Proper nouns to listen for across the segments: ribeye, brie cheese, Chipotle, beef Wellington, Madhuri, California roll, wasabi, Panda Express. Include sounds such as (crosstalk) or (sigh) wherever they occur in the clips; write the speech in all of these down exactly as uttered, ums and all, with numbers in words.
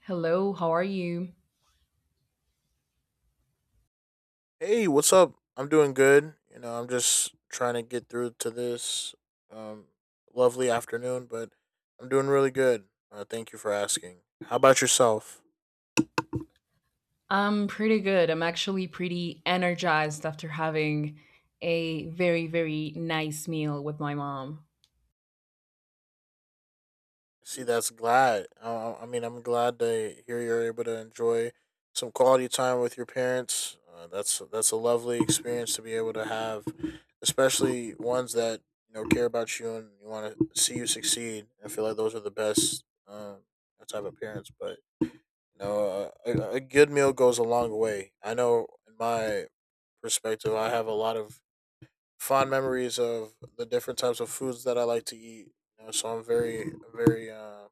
Hello, how are you? Hey, what's up? I'm doing good. You know, I'm just trying to get through to this um, lovely afternoon, but I'm doing really good. Uh, thank you for asking. How about yourself? I'm pretty good. I'm actually pretty energized after having a very, very nice meal with my mom. See, that's glad. Uh, I mean, I'm glad to hear you're able to enjoy some quality time with your parents. Uh, that's that's a lovely experience to be able to have, especially ones that you know care about you and you want to see you succeed. I feel like those are the best um, type of parents, but. No, a, a a good meal goes a long way. I know in my perspective, I have a lot of fond memories of the different types of foods that I like to eat. You know, so I'm very, very uh,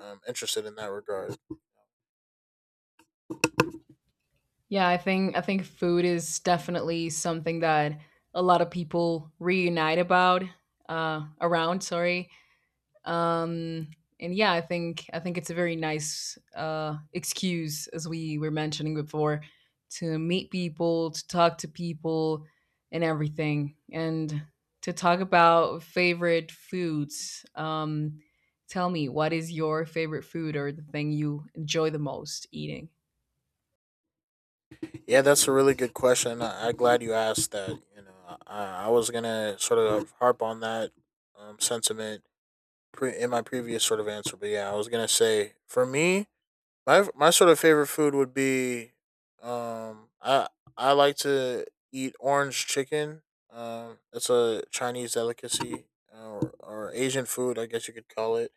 um, interested in that regard. Yeah, I think I think food is definitely something that a lot of people reunite about uh, around, sorry. Um, and yeah, I think I think it's a very nice uh, excuse, as we were mentioning before, to meet people, to talk to people, and everything, and to talk about favorite foods. Um, Tell me, what is your favorite food or the thing you enjoy the most eating? Yeah, that's a really good question. I, I'm glad you asked that. You know, I, I was gonna sort of harp on that um, sentiment pre- in my previous sort of answer, but yeah, I was gonna say for me, My my sort of favorite food would be um I I like to eat orange chicken. Um it's a Chinese delicacy, uh, or, or Asian food, I guess you could call it.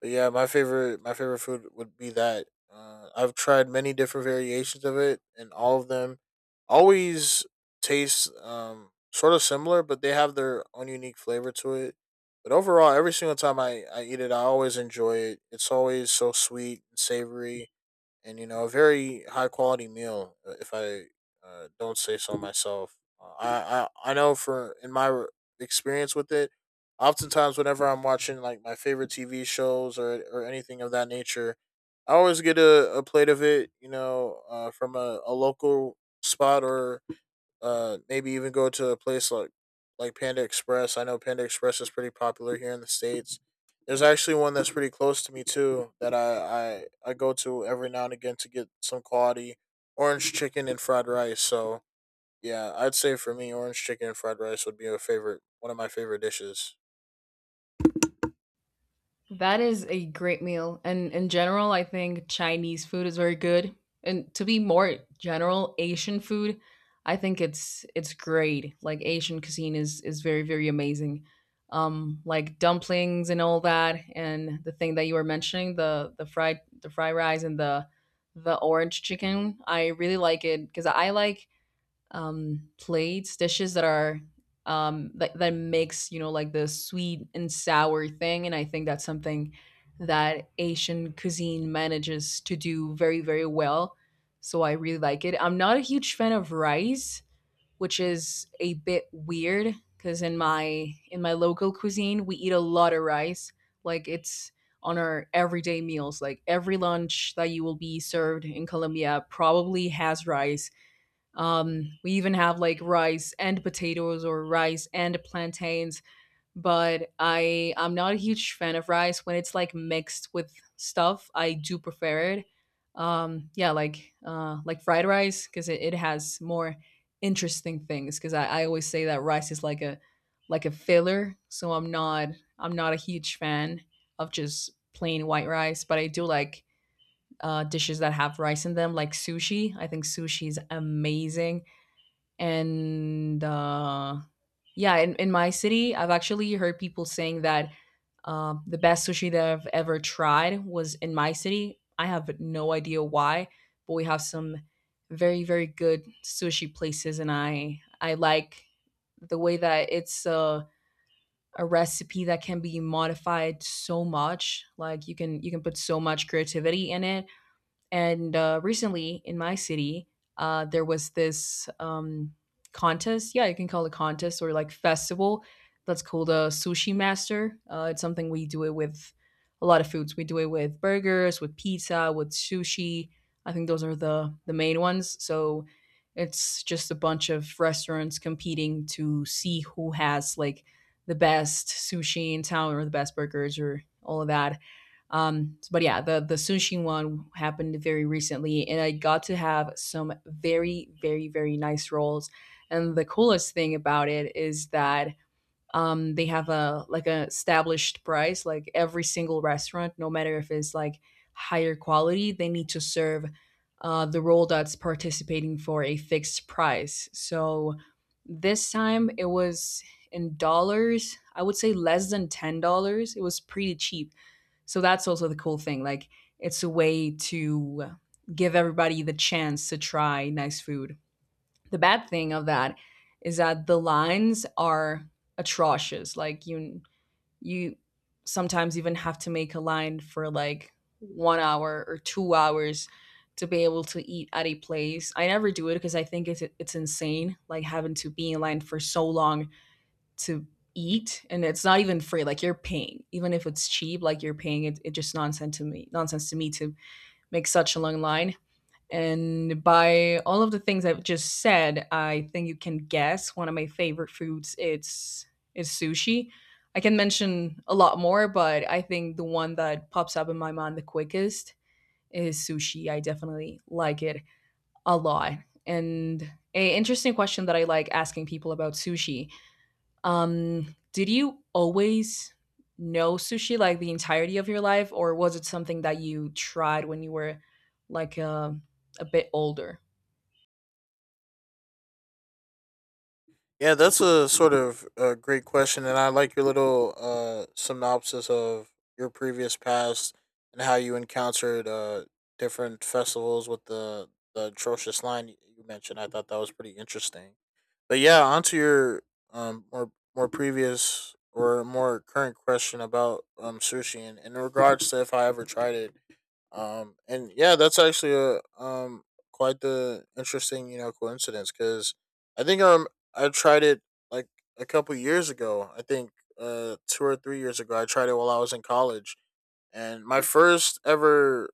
But yeah, my favorite my favorite food would be that. Uh, I've tried many different variations of it, and all of them always taste um sort of similar, but they have their own unique flavor to it. But overall, every single time I, I eat it, I always enjoy it. It's always so sweet and savory, and you know, a very high quality meal. uh, If I uh, don't say so myself, uh, I, I I know for in my re- experience with it, oftentimes whenever I'm watching like my favorite T V shows or or anything of that nature, I always get a, a plate of it. You know, uh, from a, a local spot or uh, maybe even go to a place like like Panda Express. I know Panda Express is pretty popular here in the states. There's actually one that's pretty close to me too that I I, I go to every now and again to get some quality orange chicken and fried rice. So yeah, I'd say for me, orange chicken and fried rice would be a favorite, one of my favorite dishes. That is a great meal. And in general, I think Chinese food is very good. And to be more general, Asian food, I think it's it's great. Like Asian cuisine is is very, very amazing. Um, like dumplings and all that, and the thing that you were mentioning, the the fried the fried rice and the the orange chicken. I really like it because I like um, plates, dishes that are um, that that makes, you know, like the sweet and sour thing, and I think that's something that Asian cuisine manages to do very, very well. So I really like it. I'm not a huge fan of rice, which is a bit weird because in my in my local cuisine we eat a lot of rice. Like it's on our everyday meals. Like every lunch that you will be served in Colombia probably has rice. Um, we even have like rice and potatoes or rice and plantains, but I I'm not a huge fan of rice when it's like mixed with stuff. I do prefer it. Um, yeah, like uh, like fried rice because it, it has more interesting things. Because I, I always say that rice is like a like a filler, so I'm not I'm not a huge fan of just plain white rice, but I do like uh, dishes that have rice in them, like sushi. I think sushi is amazing, and uh, yeah, in, in my city I've actually heard people saying that um, the best sushi that I've ever tried was in my city. I have no idea why, but we have some very, very good sushi places, and i i like the way that it's a a recipe that can be modified so much. Like you can, you can put so much creativity in it. And uh, recently in my city, uh, there was this um, contest. Yeah, you can call it contest or like festival, that's called a sushi master. Uh, it's something we do it with a lot of foods. We do it with burgers, with pizza, with sushi. I think those are the the main ones. So it's just a bunch of restaurants competing to see who has like the best sushi in town or the best burgers or all of that. Um, but yeah, the the Sunshin one happened very recently, and I got to have some very, very, very nice roles. And the coolest thing about it is that um, they have a like a established price. Like every single restaurant, no matter if it's like higher quality, they need to serve uh, the role that's participating for a fixed price. So this time it was, in dollars I would say, less than ten dollars. It was pretty cheap. So that's also the cool thing. Like it's a way to give everybody the chance to try nice food. The bad thing of that is that the lines are atrocious. Like you you sometimes even have to make a line for like one hour or two hours to be able to eat at a place. I never do it because I think it's it's insane, like having to be in line for so long to eat. And it's not even free. Like you're paying, even if it's cheap, like you're paying it, it just nonsense to me, nonsense to me, to make such a long line. And by all of the things I've just said, I think you can guess one of my favorite foods it's is sushi. I can mention a lot more, but I think the one that pops up in my mind the quickest is sushi. I definitely like it a lot. And a interesting question that I like asking people about sushi. Um, did you always know sushi like the entirety of your life, or was it something that you tried when you were like a, a bit older? Yeah, that's a sort of a great question, and I like your little uh, synopsis of your previous past and how you encountered uh, different festivals with the, the atrocious line you you mentioned. I thought that was pretty interesting. But yeah, onto your um, more more previous or more current question about um, sushi, and in regards to if I ever tried it, um, and yeah, that's actually a um quite the interesting you know coincidence because I think um I tried it like a couple years ago. I think uh two or three years ago I tried it while I was in college, and my first ever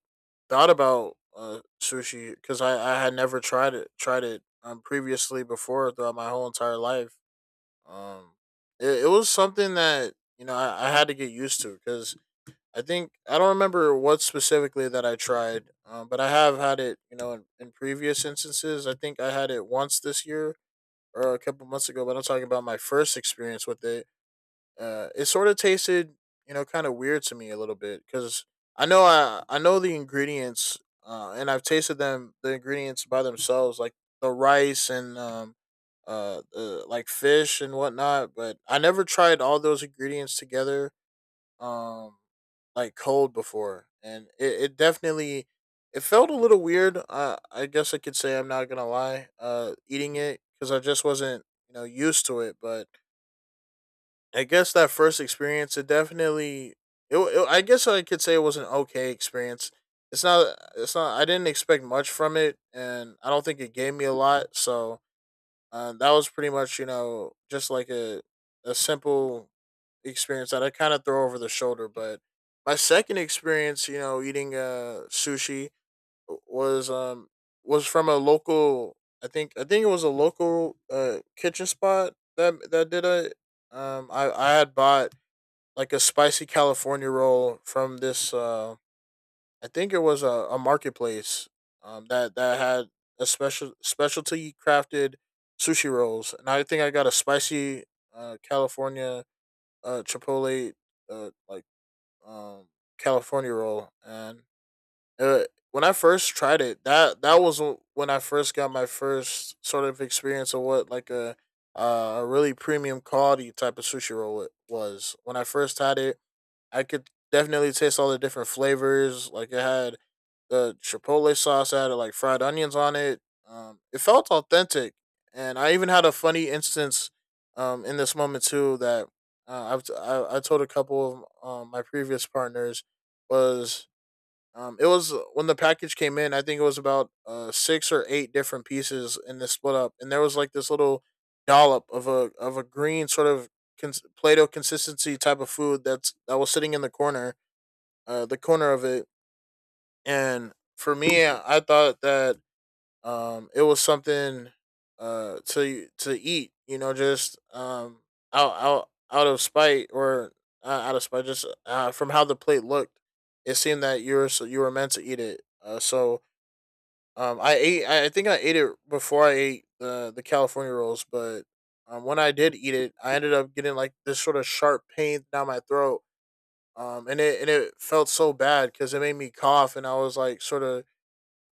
thought about uh sushi because I I had never tried it tried it um previously before throughout my whole entire life. Um, it, it was something that you know I, I had to get used to because I think I don't remember what specifically that I tried, um, but I have had it. You know, in, in previous instances, I think I had it once this year or a couple months ago. But I'm talking about my first experience with it. Uh, it sort of tasted, you know, kind of weird to me a little bit because I know I I know the ingredients, uh, and I've tasted them the ingredients by themselves, like the rice and um, uh, uh like fish and whatnot. But I never tried all those ingredients together um like cold before, and it, it definitely, it felt a little weird. I i guess I could say, I'm not gonna lie, uh eating it, because I just wasn't, you know, used to it. But I guess that first experience, it definitely, it, wa- it I guess I could say it was an okay experience. It's not it's not, I didn't expect much from it, and I don't think it gave me a lot. So uh, that was pretty much, you know, just like a a simple experience that I kind of throw over the shoulder. But my second experience, you know, eating uh sushi was um was from a local. I think I think it was a local uh kitchen spot that that did it. Um, I I had bought like a spicy California roll from this uh I think it was a, a marketplace um, that that had a special specialty crafted sushi rolls, and I think I got a spicy uh, California uh, Chipotle uh, like um, California roll, and uh, when I first tried it, that that was when I first got my first sort of experience of what like a uh, a really premium quality type of sushi roll it was. When I first had it, I could definitely taste all the different flavors. Like it had the chipotle sauce, added like fried onions on it. Um, it felt authentic, and I even had a funny instance um, in this moment too that uh, I've t- I, I told a couple of um, my previous partners was um, it was uh, when the package came in. I think it was about uh, six or eight different pieces in this split up, and there was like this little dollop of a of a green sort of cons- Play-Doh consistency type of food that's that was sitting in the corner, uh, the corner of it, and for me, I thought that um, it was something uh, to to eat. You know, just um, out out out of spite, or uh, out of spite, just uh, from how the plate looked, it seemed that you were so you were meant to eat it. Uh, so um, I ate. I think I ate it before I ate the the California rolls, but um, when I did eat it, I ended up getting like this sort of sharp pain down my throat. Um, and it and it felt so bad because it made me cough, and I was like sort of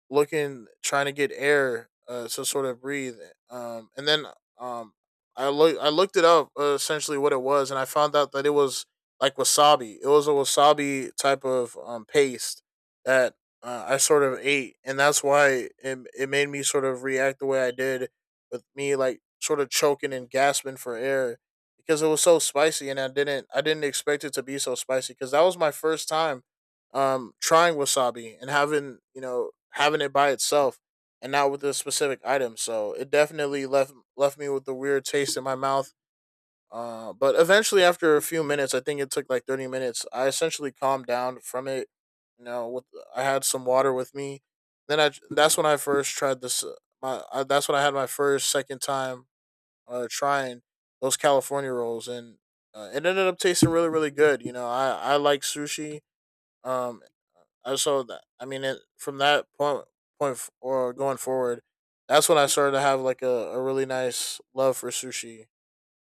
looking, trying to get air uh, to sort of breathe. Um, and then um, I look I looked it up, uh, essentially what it was, and I found out that it was like wasabi. It was a wasabi type of um, paste that uh, I sort of ate, and that's why it it made me sort of react the way I did, with me like sort of choking and gasping for air because it was so spicy, and I didn't I didn't expect it to be so spicy because that was my first time um trying wasabi and having, you know, having it by itself and not with a specific item. So it definitely left left me with a weird taste in my mouth. Uh, but eventually after a few minutes, I think it took like thirty minutes, I essentially calmed down from it. You know, with, I had some water with me. Then I that's when I first tried this uh, my I, that's when I had my first second time uh trying those California rolls, and uh, it ended up tasting really, really good. You know, I i like sushi. um uh, so that, I mean, it, from that point point f- or going forward, that's when I started to have like a, a really nice love for sushi,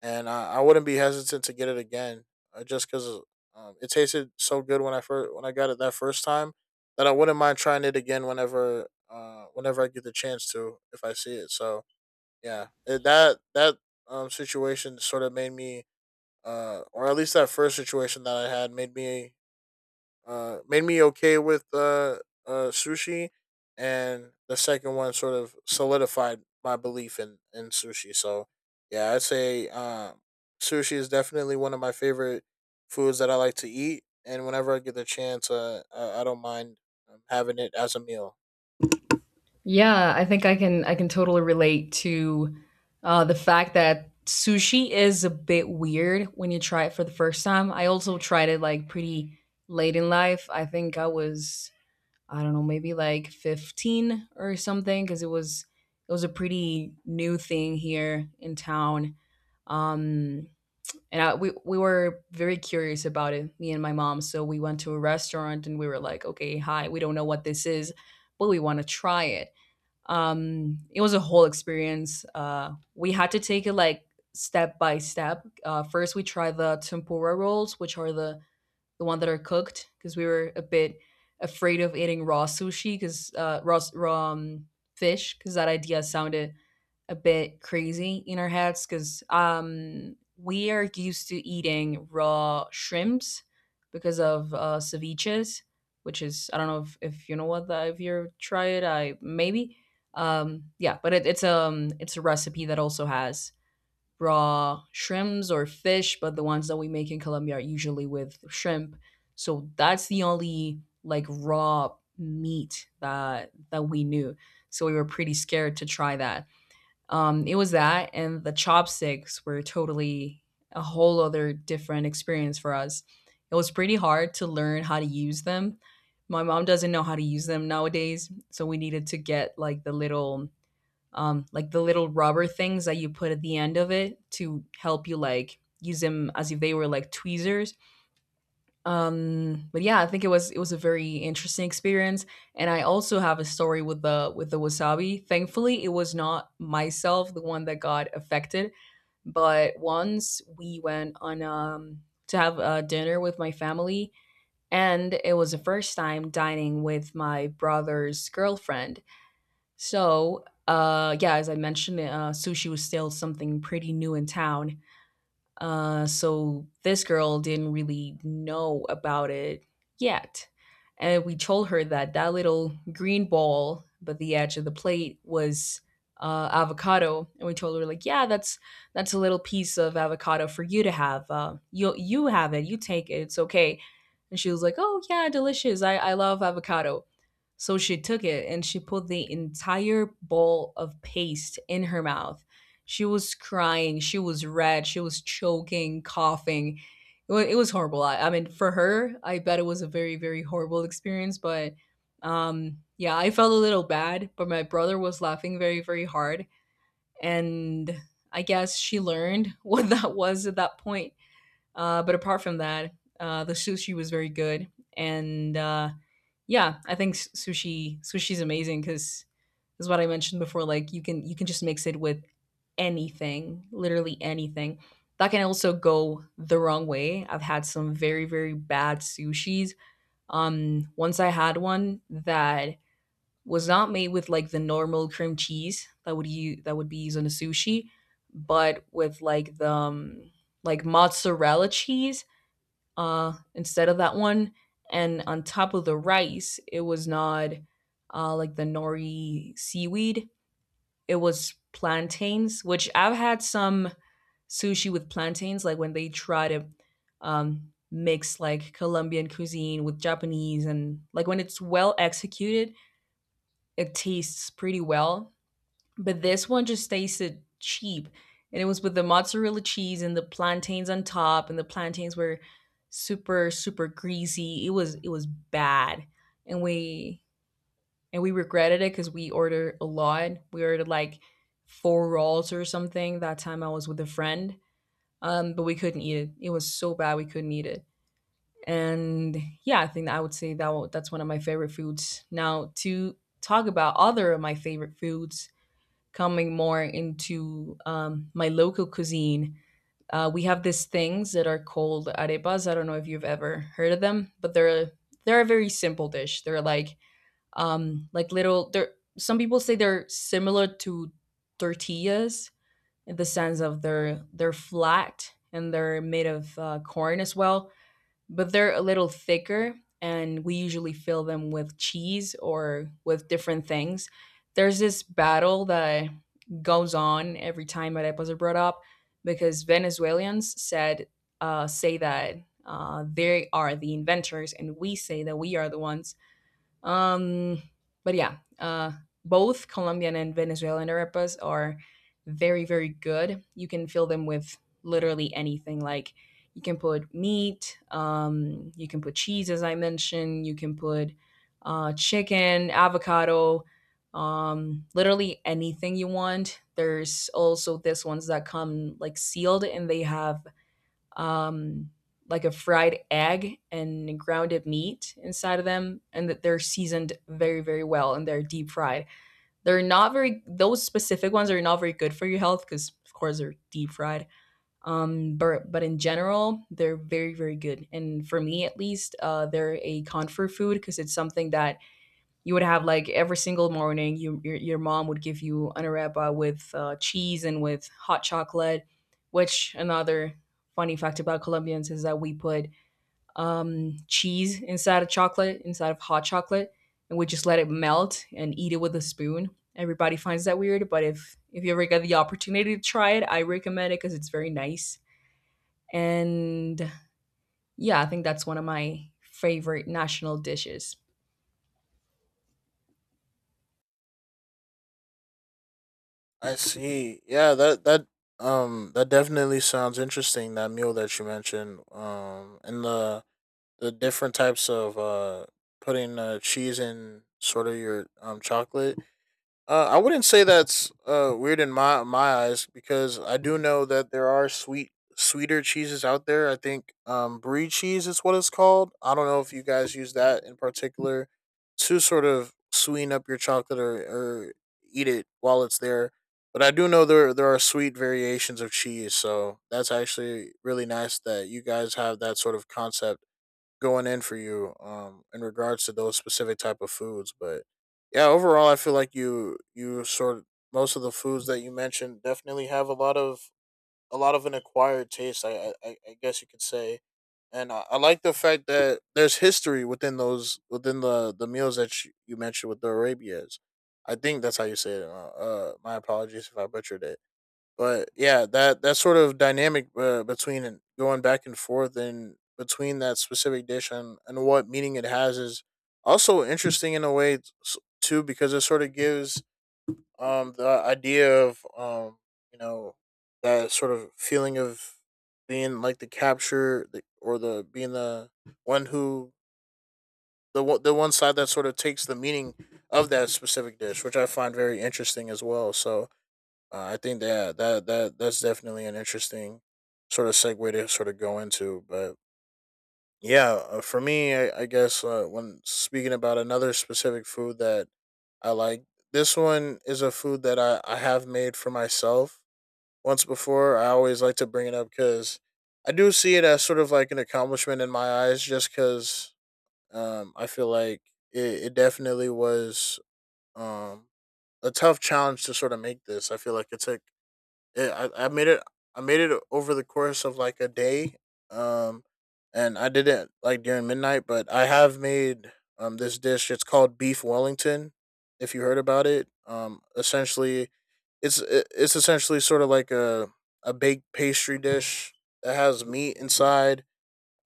and I, I wouldn't be hesitant to get it again, uh, just because um, it tasted so good when I first when I got it that first time, that I wouldn't mind trying it again whenever, uh whenever I get the chance to, if I see it. So yeah, it, that that um situation sort of made me, uh or at least that first situation that I had, made me uh, made me okay with uh, uh, sushi, and the second one sort of solidified my belief in, in sushi. So yeah, I'd say um, sushi is definitely one of my favorite foods that I like to eat, and whenever I get the chance, uh, I, I don't mind um, having it as a meal. Yeah, I think I can I can totally relate to uh, the fact that sushi is a bit weird when you try it for the first time. I also tried it like pretty late in life. I think I was, I don't know, maybe like fifteen or something, because it was, it was a pretty new thing here in town. Um, and I, we we were very curious about it, me and my mom. So we went to a restaurant and we were like, okay, hi, we don't know what this is, but we want to try it. Um it was a whole experience. Uh we had to take it like step by step. Uh first we tried the tempura rolls, which are the the one that are cooked, because we were a bit afraid of eating raw sushi, because uh raw, s- raw um, fish, because that idea sounded a bit crazy in our heads, because um, we are used to eating raw shrimps because of uh, ceviches, which is, I don't know if, if you know what that, if you try it, I maybe. Um, yeah, but it, it's um it's a recipe that also has raw shrimps or fish, but the ones that we make in Colombia are usually with shrimp. So that's the only like raw meat that that we knew. So we were pretty scared to try that. Um, it was that, and the chopsticks were totally a whole other different experience for us. It was pretty hard to learn how to use them. My mom doesn't know how to use them nowadays, so we needed to get like the little um like the little rubber things that you put at the end of it to help you like use them as if they were like tweezers. Um but yeah, I think it was, it was a very interesting experience. And I also have a story with the with the wasabi. Thankfully it was not myself the one that got affected. But once we went on um to have a dinner with my family, and it was the first time dining with my brother's girlfriend. So uh yeah, as I mentioned, uh sushi was still something pretty new in town. Uh, so this girl didn't really know about it yet. And we told her that that little green ball but the edge of the plate was uh, avocado, and we told her like, yeah, that's that's a little piece of avocado for you to have. Uh, you you have it, you take it, it's okay. And she was like, oh yeah, delicious. I I love avocado. So she took it and she put the entire bowl of paste in her mouth. She was crying, she was red, she was choking, coughing. It was, it was horrible. I, I mean, for her, I bet it was a very, very horrible experience. But um, yeah, I felt a little bad, but my brother was laughing very, very hard. And I guess she learned (laughs) what that was at that point. Uh, but apart from that, uh, the sushi was very good. And uh, yeah, I think s- sushi sushi's amazing because is what I mentioned before. Like you can, you can just mix it with anything, literally anything. That can also go the wrong way. I've had some very, very bad sushis. Um, once I had one that was not made with like the normal cream cheese that would you that would be used on a sushi, but with like the um, like mozzarella cheese uh, instead of that one, and on top of the rice, it was not uh, like the nori seaweed, it was plantains, which I've had some sushi with plantains, like when they try to um, mix like Colombian cuisine with Japanese, and like when it's well executed, it tastes pretty well. But this one just tasted cheap, and it was with the mozzarella cheese and the plantains on top, and the plantains were super, super greasy. It was, it was bad, and we and we regretted it because we ordered a lot. We ordered like four rolls or something. That time I was with a friend. Um, but we couldn't eat it. It was so bad we couldn't eat it. And yeah, I think that I would say that wa- that's one of my favorite foods. Now to talk about other of my favorite foods, coming more into um, my local cuisine. Uh, we have these things that are called arepas. I don't know if you've ever heard of them, but they're they're a very simple dish. They're like um like little there some people say they're similar to tortillas in the sense of they're they're flat and they're made of uh, corn as well, but they're a little thicker, and we usually fill them with cheese or with different things. There's this battle that goes on every time arepas are brought up because venezuelans said uh, say that uh, they are the inventors and we say that we are the ones. um, but yeah, uh, both Colombian and Venezuelan arepas are very, very good. You can fill them with literally anything. Like you can put meat, um, you can put cheese, as I mentioned, you can put uh, chicken, avocado, um, literally anything you want. There's also this ones that come like sealed and they have um, like a fried egg and grounded meat inside of them, and that they're seasoned very, very well and they're deep fried. They're not very those specific ones are not very good for your health because of course they're deep fried. Um, but but in general, they're very, very good. And for me at least, uh, they're a comfort food because it's something that you would have like every single morning. You, your, your mom would give you an arepa with uh, cheese and with hot chocolate, which, another funny fact about Colombians is that we put, um, cheese inside of chocolate inside of hot chocolate, and we just let it melt and eat it with a spoon. Everybody finds that weird, but if if you ever get the opportunity to try it, I recommend it because it's very nice. And yeah, I think that's one of my favorite national dishes. I see. Yeah, that that um that definitely sounds interesting. That meal that you mentioned, um, and the the different types of uh putting uh, cheese in sort of your um chocolate. Uh, I wouldn't say that's uh weird in my my eyes, because I do know that there are sweet sweeter cheeses out there. I think um brie cheese is what it's called. I don't know if you guys use that in particular to sort of sweeten up your chocolate, or, or eat it while it's there. But I do know there there are sweet variations of cheese, so that's actually really nice that you guys have that sort of concept going in for you um in regards to those specific type of foods. But yeah, overall I feel like you you sort of, most of the foods that you mentioned definitely have a lot of a lot of an acquired taste, i i, I I guess you could say. And I, I like the fact that there's history within those, within the the meals that you you mentioned with the arabias. I think that's how you say it. Uh, uh my apologies if I butchered it. But yeah, that that sort of dynamic uh, between and going back and forth and between that specific dish and, and what meaning it has is also interesting in a way t- s- too, because it sort of gives um the idea of um you know that sort of feeling of being like the capture, the, or the being the one who, the one- the one side that sort of takes the meaning of that specific dish, which I find very interesting as well. So uh, I think that that that that's definitely an interesting sort of segue to sort of go into. But yeah, uh, for me, I, I guess uh, when speaking about another specific food that I like, this one is a food that I I have made for myself once before. I always like to bring it up because I do see it as sort of like an accomplishment in my eyes, just because um, I feel like it, it definitely was um, a tough challenge to sort of make this. I feel like it took, yeah, I, I made it. I made it over the course of like a day, um, and I did it like during midnight. But I have made um this dish. It's called beef Wellington. If you heard about it, um, essentially, it's i- it's essentially sort of like a a baked pastry dish that has meat inside.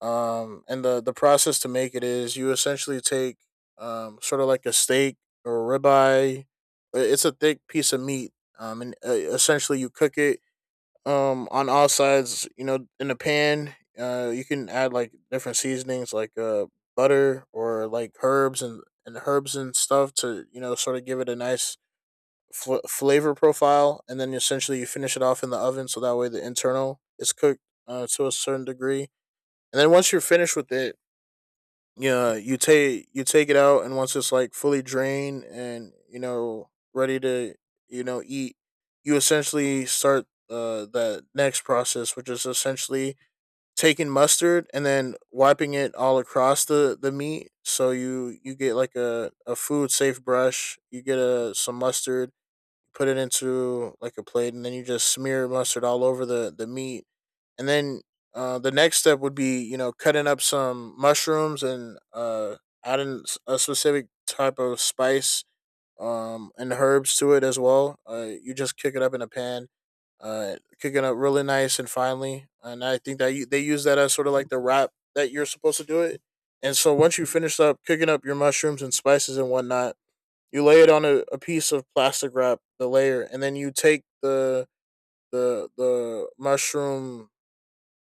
Um, and the the process to make it is you essentially take um sort of like a steak or a ribeye. i- It's a thick piece of meat. Um, and uh, essentially you cook it um on all sides, you know, in the pan. Uh you can add like different seasonings like uh butter or like herbs and and herbs and stuff to, you know, sort of give it a nice fl- flavor profile, and then essentially you finish it off in the oven so that way the internal is cooked uh, to a certain degree. And then once you're finished with it, yeah, you take you take it out, and once it's like fully drained and, you know, ready to, you know, eat, you essentially start uh that next process, which is essentially taking mustard and then wiping it all across the the meat. So you you get like a a food safe brush. You get a some mustard, put it into like a plate, and then you just smear mustard all over the the meat. And then uh, the next step would be, you know, cutting up some mushrooms and uh, adding s- a specific type of spice um, and herbs to it as well. Uh, you just kick it up in a pan. Uh, Cooking up really nice and finely, and I think that you, they use that as sort of like the wrap that you're supposed to do it. And so once you finish up cooking up your mushrooms and spices and whatnot, you lay it on a, a piece of plastic wrap, the layer, and then you take the the the mushroom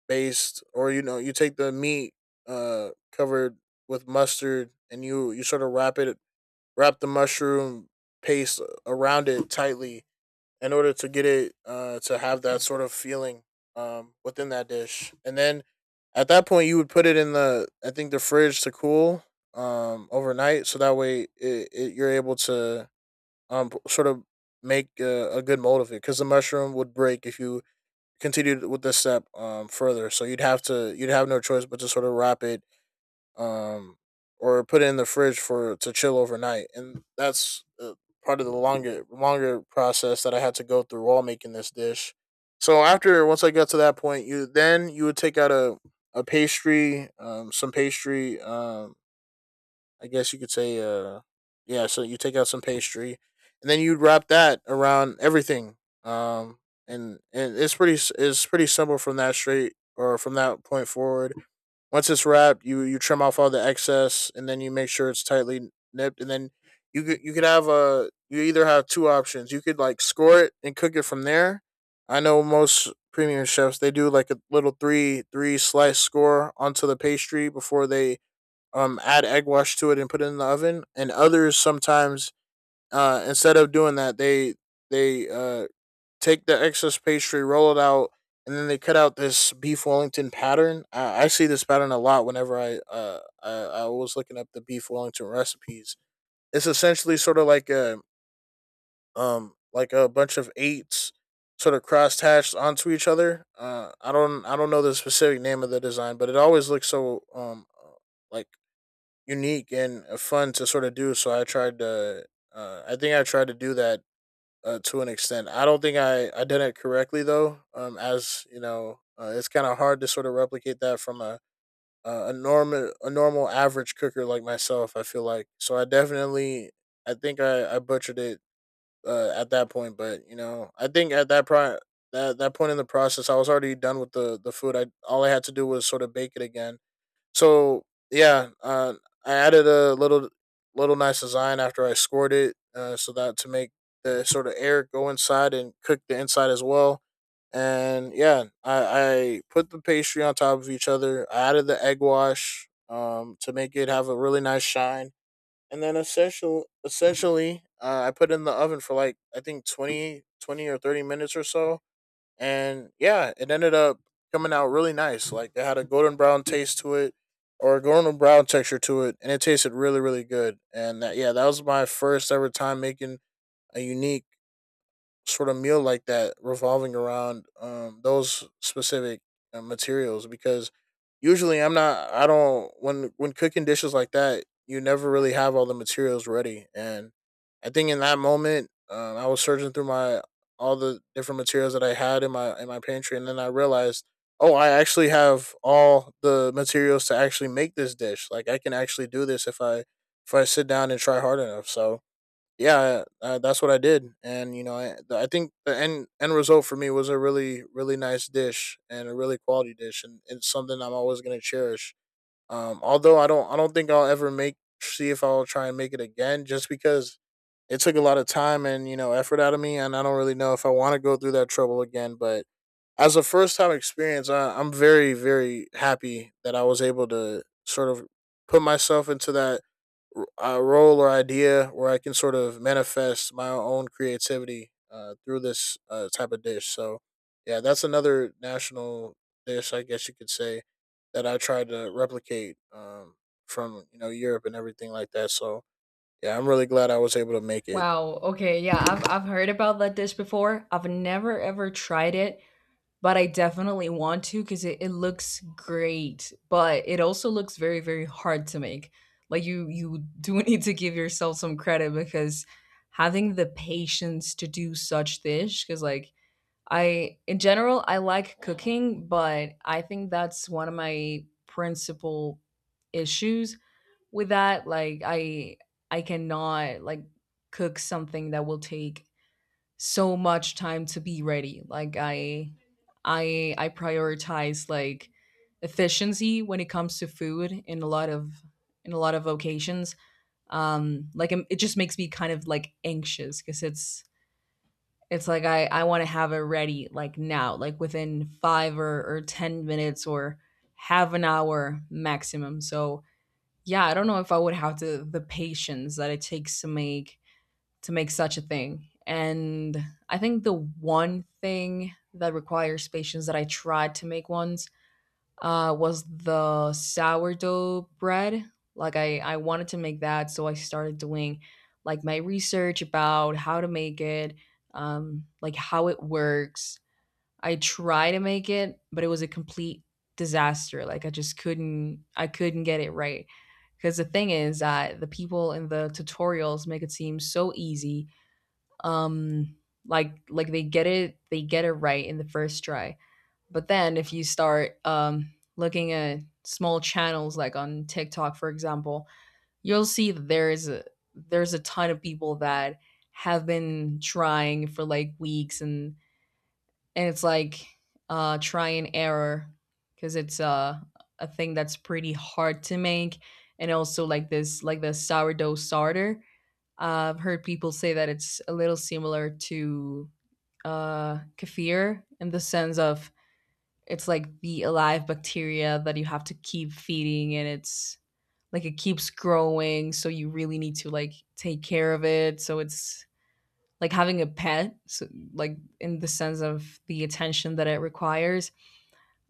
based, or you know, you take the meat uh covered with mustard, and you you sort of wrap it, wrap the mushroom paste around it tightly in order to get it uh to have that sort of feeling um within that dish. And then at that point you would put it in the, I think, the fridge to cool um overnight so that way it, it you're able to um p- sort of make a, a good mold of it, because the mushroom would break if you continued with this step um further. So you'd have to, you'd have no choice but to sort of wrap it, um or put it in the fridge for to chill overnight, and that's uh, part of the longer longer process that I had to go through while making this dish. So after, once I got to that point, you then you would take out a a pastry, um some pastry um I guess you could say, uh, yeah. So you take out some pastry, and then you wrap that around everything. Um, and and it's pretty it's pretty simple from that straight, or from that point forward. Once it's wrapped, you you trim off all the excess, and then you make sure it's tightly nipped, and then you could you could have a you either have two options. You could like score it and cook it from there. I know most premium chefs, they do like a little three three slice score onto the pastry before they um add egg wash to it and put it in the oven. And others sometimes uh instead of doing that, they they uh take the excess pastry, roll it out, and then they cut out this beef Wellington pattern. I, I see this pattern a lot whenever I uh I, I was looking up the beef Wellington recipes. It's essentially sort of like a um like a bunch of eights sort of cross hatched onto each other. Uh, I don't I don't know the specific name of the design, but it always looks so um uh, like unique and uh, fun to sort of do. So I tried to, uh, I think I tried to do that uh, to an extent. I don't think I, I did it correctly though. Um, as you know, uh, it's kind of hard to sort of replicate that from a a normal a normal average cooker like myself, I feel like. So I definitely, I think I, I butchered it uh, at that point, but you know I think at that pro that that point in the process I was already done with the the food. I, all I had to do was sort of bake it again. So yeah, uh, I added a little little nice design after I scored it, uh, so that to make the sort of air go inside and cook the inside as well. And yeah, I, I put the pastry on top of each other. I added the egg wash um, to make it have a really nice shine. And then essential, essentially, uh, I put it in the oven for like I think twenty, twenty or thirty minutes or so, and yeah, it ended up coming out really nice. Like it had a golden brown taste to it, or a golden brown texture to it, and it tasted really, really good. And that, yeah, that was my first ever time making a unique sort of meal like that, revolving around um those specific uh, materials, because usually I'm not I don't when when cooking dishes like that you never really have all the materials ready. And I think in that moment, um, I was searching through my, all the different materials that I had in my in my pantry, and then I realized, oh, I actually have all the materials to actually make this dish. Like I can actually do this if I, if I sit down and try hard enough. So yeah, uh, that's what I did, and you know, I, the- I think the end end result for me was a really really nice dish and a really quality dish, and it's something I'm always gonna cherish. Um, although I don't, I don't think I'll ever make, see if I'll try and make it again, just because it took a lot of time and you know effort out of me, and I don't really know if I want to go through that trouble again. But as a first time experience, I, I'm very very happy that I was able to sort of put myself into that uh, role or idea where I can sort of manifest my own creativity uh, through this uh, type of dish. So, yeah, that's another national dish, I guess you could say, that I tried to replicate um, from you know Europe and everything like that. So, yeah, I'm really glad I was able to make it. Wow. Okay. Yeah, I've I've heard about that dish before. I've never ever tried it, but I definitely want to because it, it looks great. But it also looks very, very hard to make. Like you you do (laughs) need to give yourself some credit because having the patience to do such dish, because like I, in general, I like cooking, but I think that's one of my principal issues with that. Like i i cannot like cook something that will take so much time to be ready. Like i i i prioritize like efficiency when it comes to food in a lot of, in a lot of occasions. Um like it it just makes me kind of like anxious because it's it's like i i want to have it ready like now, like within five or, or ten minutes or half an hour maximum. So yeah, I don't know if I would have the the patience that it takes to make, to make such a thing. And I think the one thing that requires patience that I tried to make once uh, was the sourdough bread. Like I, I wanted to make that, so I started doing like my research about how to make it, um, like how it works. I tried to make it, but it was a complete disaster. Like I just couldn't I couldn't get it right. Because the thing is that the people in the tutorials make it seem so easy. Um like like they get it they get it right in the first try. But then if you start um looking at small channels like on TikTok, for example, you'll see that there's a there's a ton of people that have been trying for like weeks, and and it's like uh try and error because it's uh, a thing that's pretty hard to make. And also like this like the sourdough starter, I've heard people say that it's a little similar to uh kefir, in the sense of it's like the alive bacteria that you have to keep feeding, and it's like it keeps growing, so you really need to like take care of it. So it's like having a pet, so like in the sense of the attention that it requires.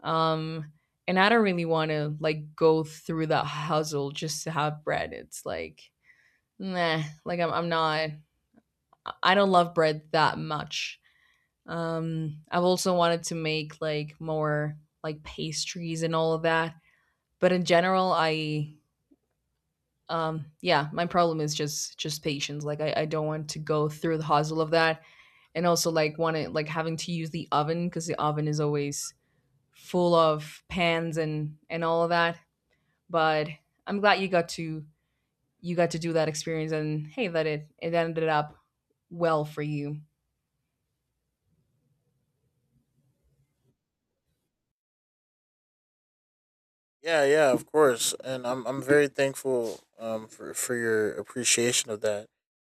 um, and I don't really want to like go through that hustle just to have bread. It's like, nah, like I'm, I'm not, I don't love bread that much. Um, I've also wanted to make like more like pastries and all of that. But in general, I, um, yeah, my problem is just, just patience. Like I, I don't want to go through the hustle of that. And also like want to, like having to use the oven, because the oven is always full of pans and, and all of that. But I'm glad you got to, you got to do that experience, and hey, that it it ended up well for you. Yeah, yeah, of course, and I'm I'm very thankful um for for your appreciation of that,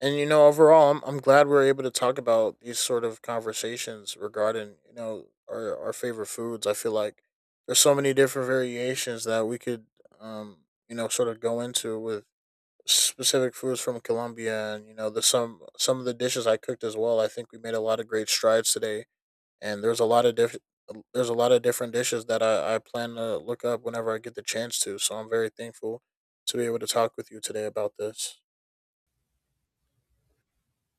and you know overall I'm I'm glad we're able to talk about these sort of conversations regarding you know our our favorite foods. I feel like there's so many different variations that we could um you know sort of go into with specific foods from Colombia, and you know the some some of the dishes I cooked as well. I think we made a lot of great strides today, and there's a lot of different there's a lot of different dishes that I, I plan to look up whenever I get the chance to. So I'm very thankful to be able to talk with you today about this.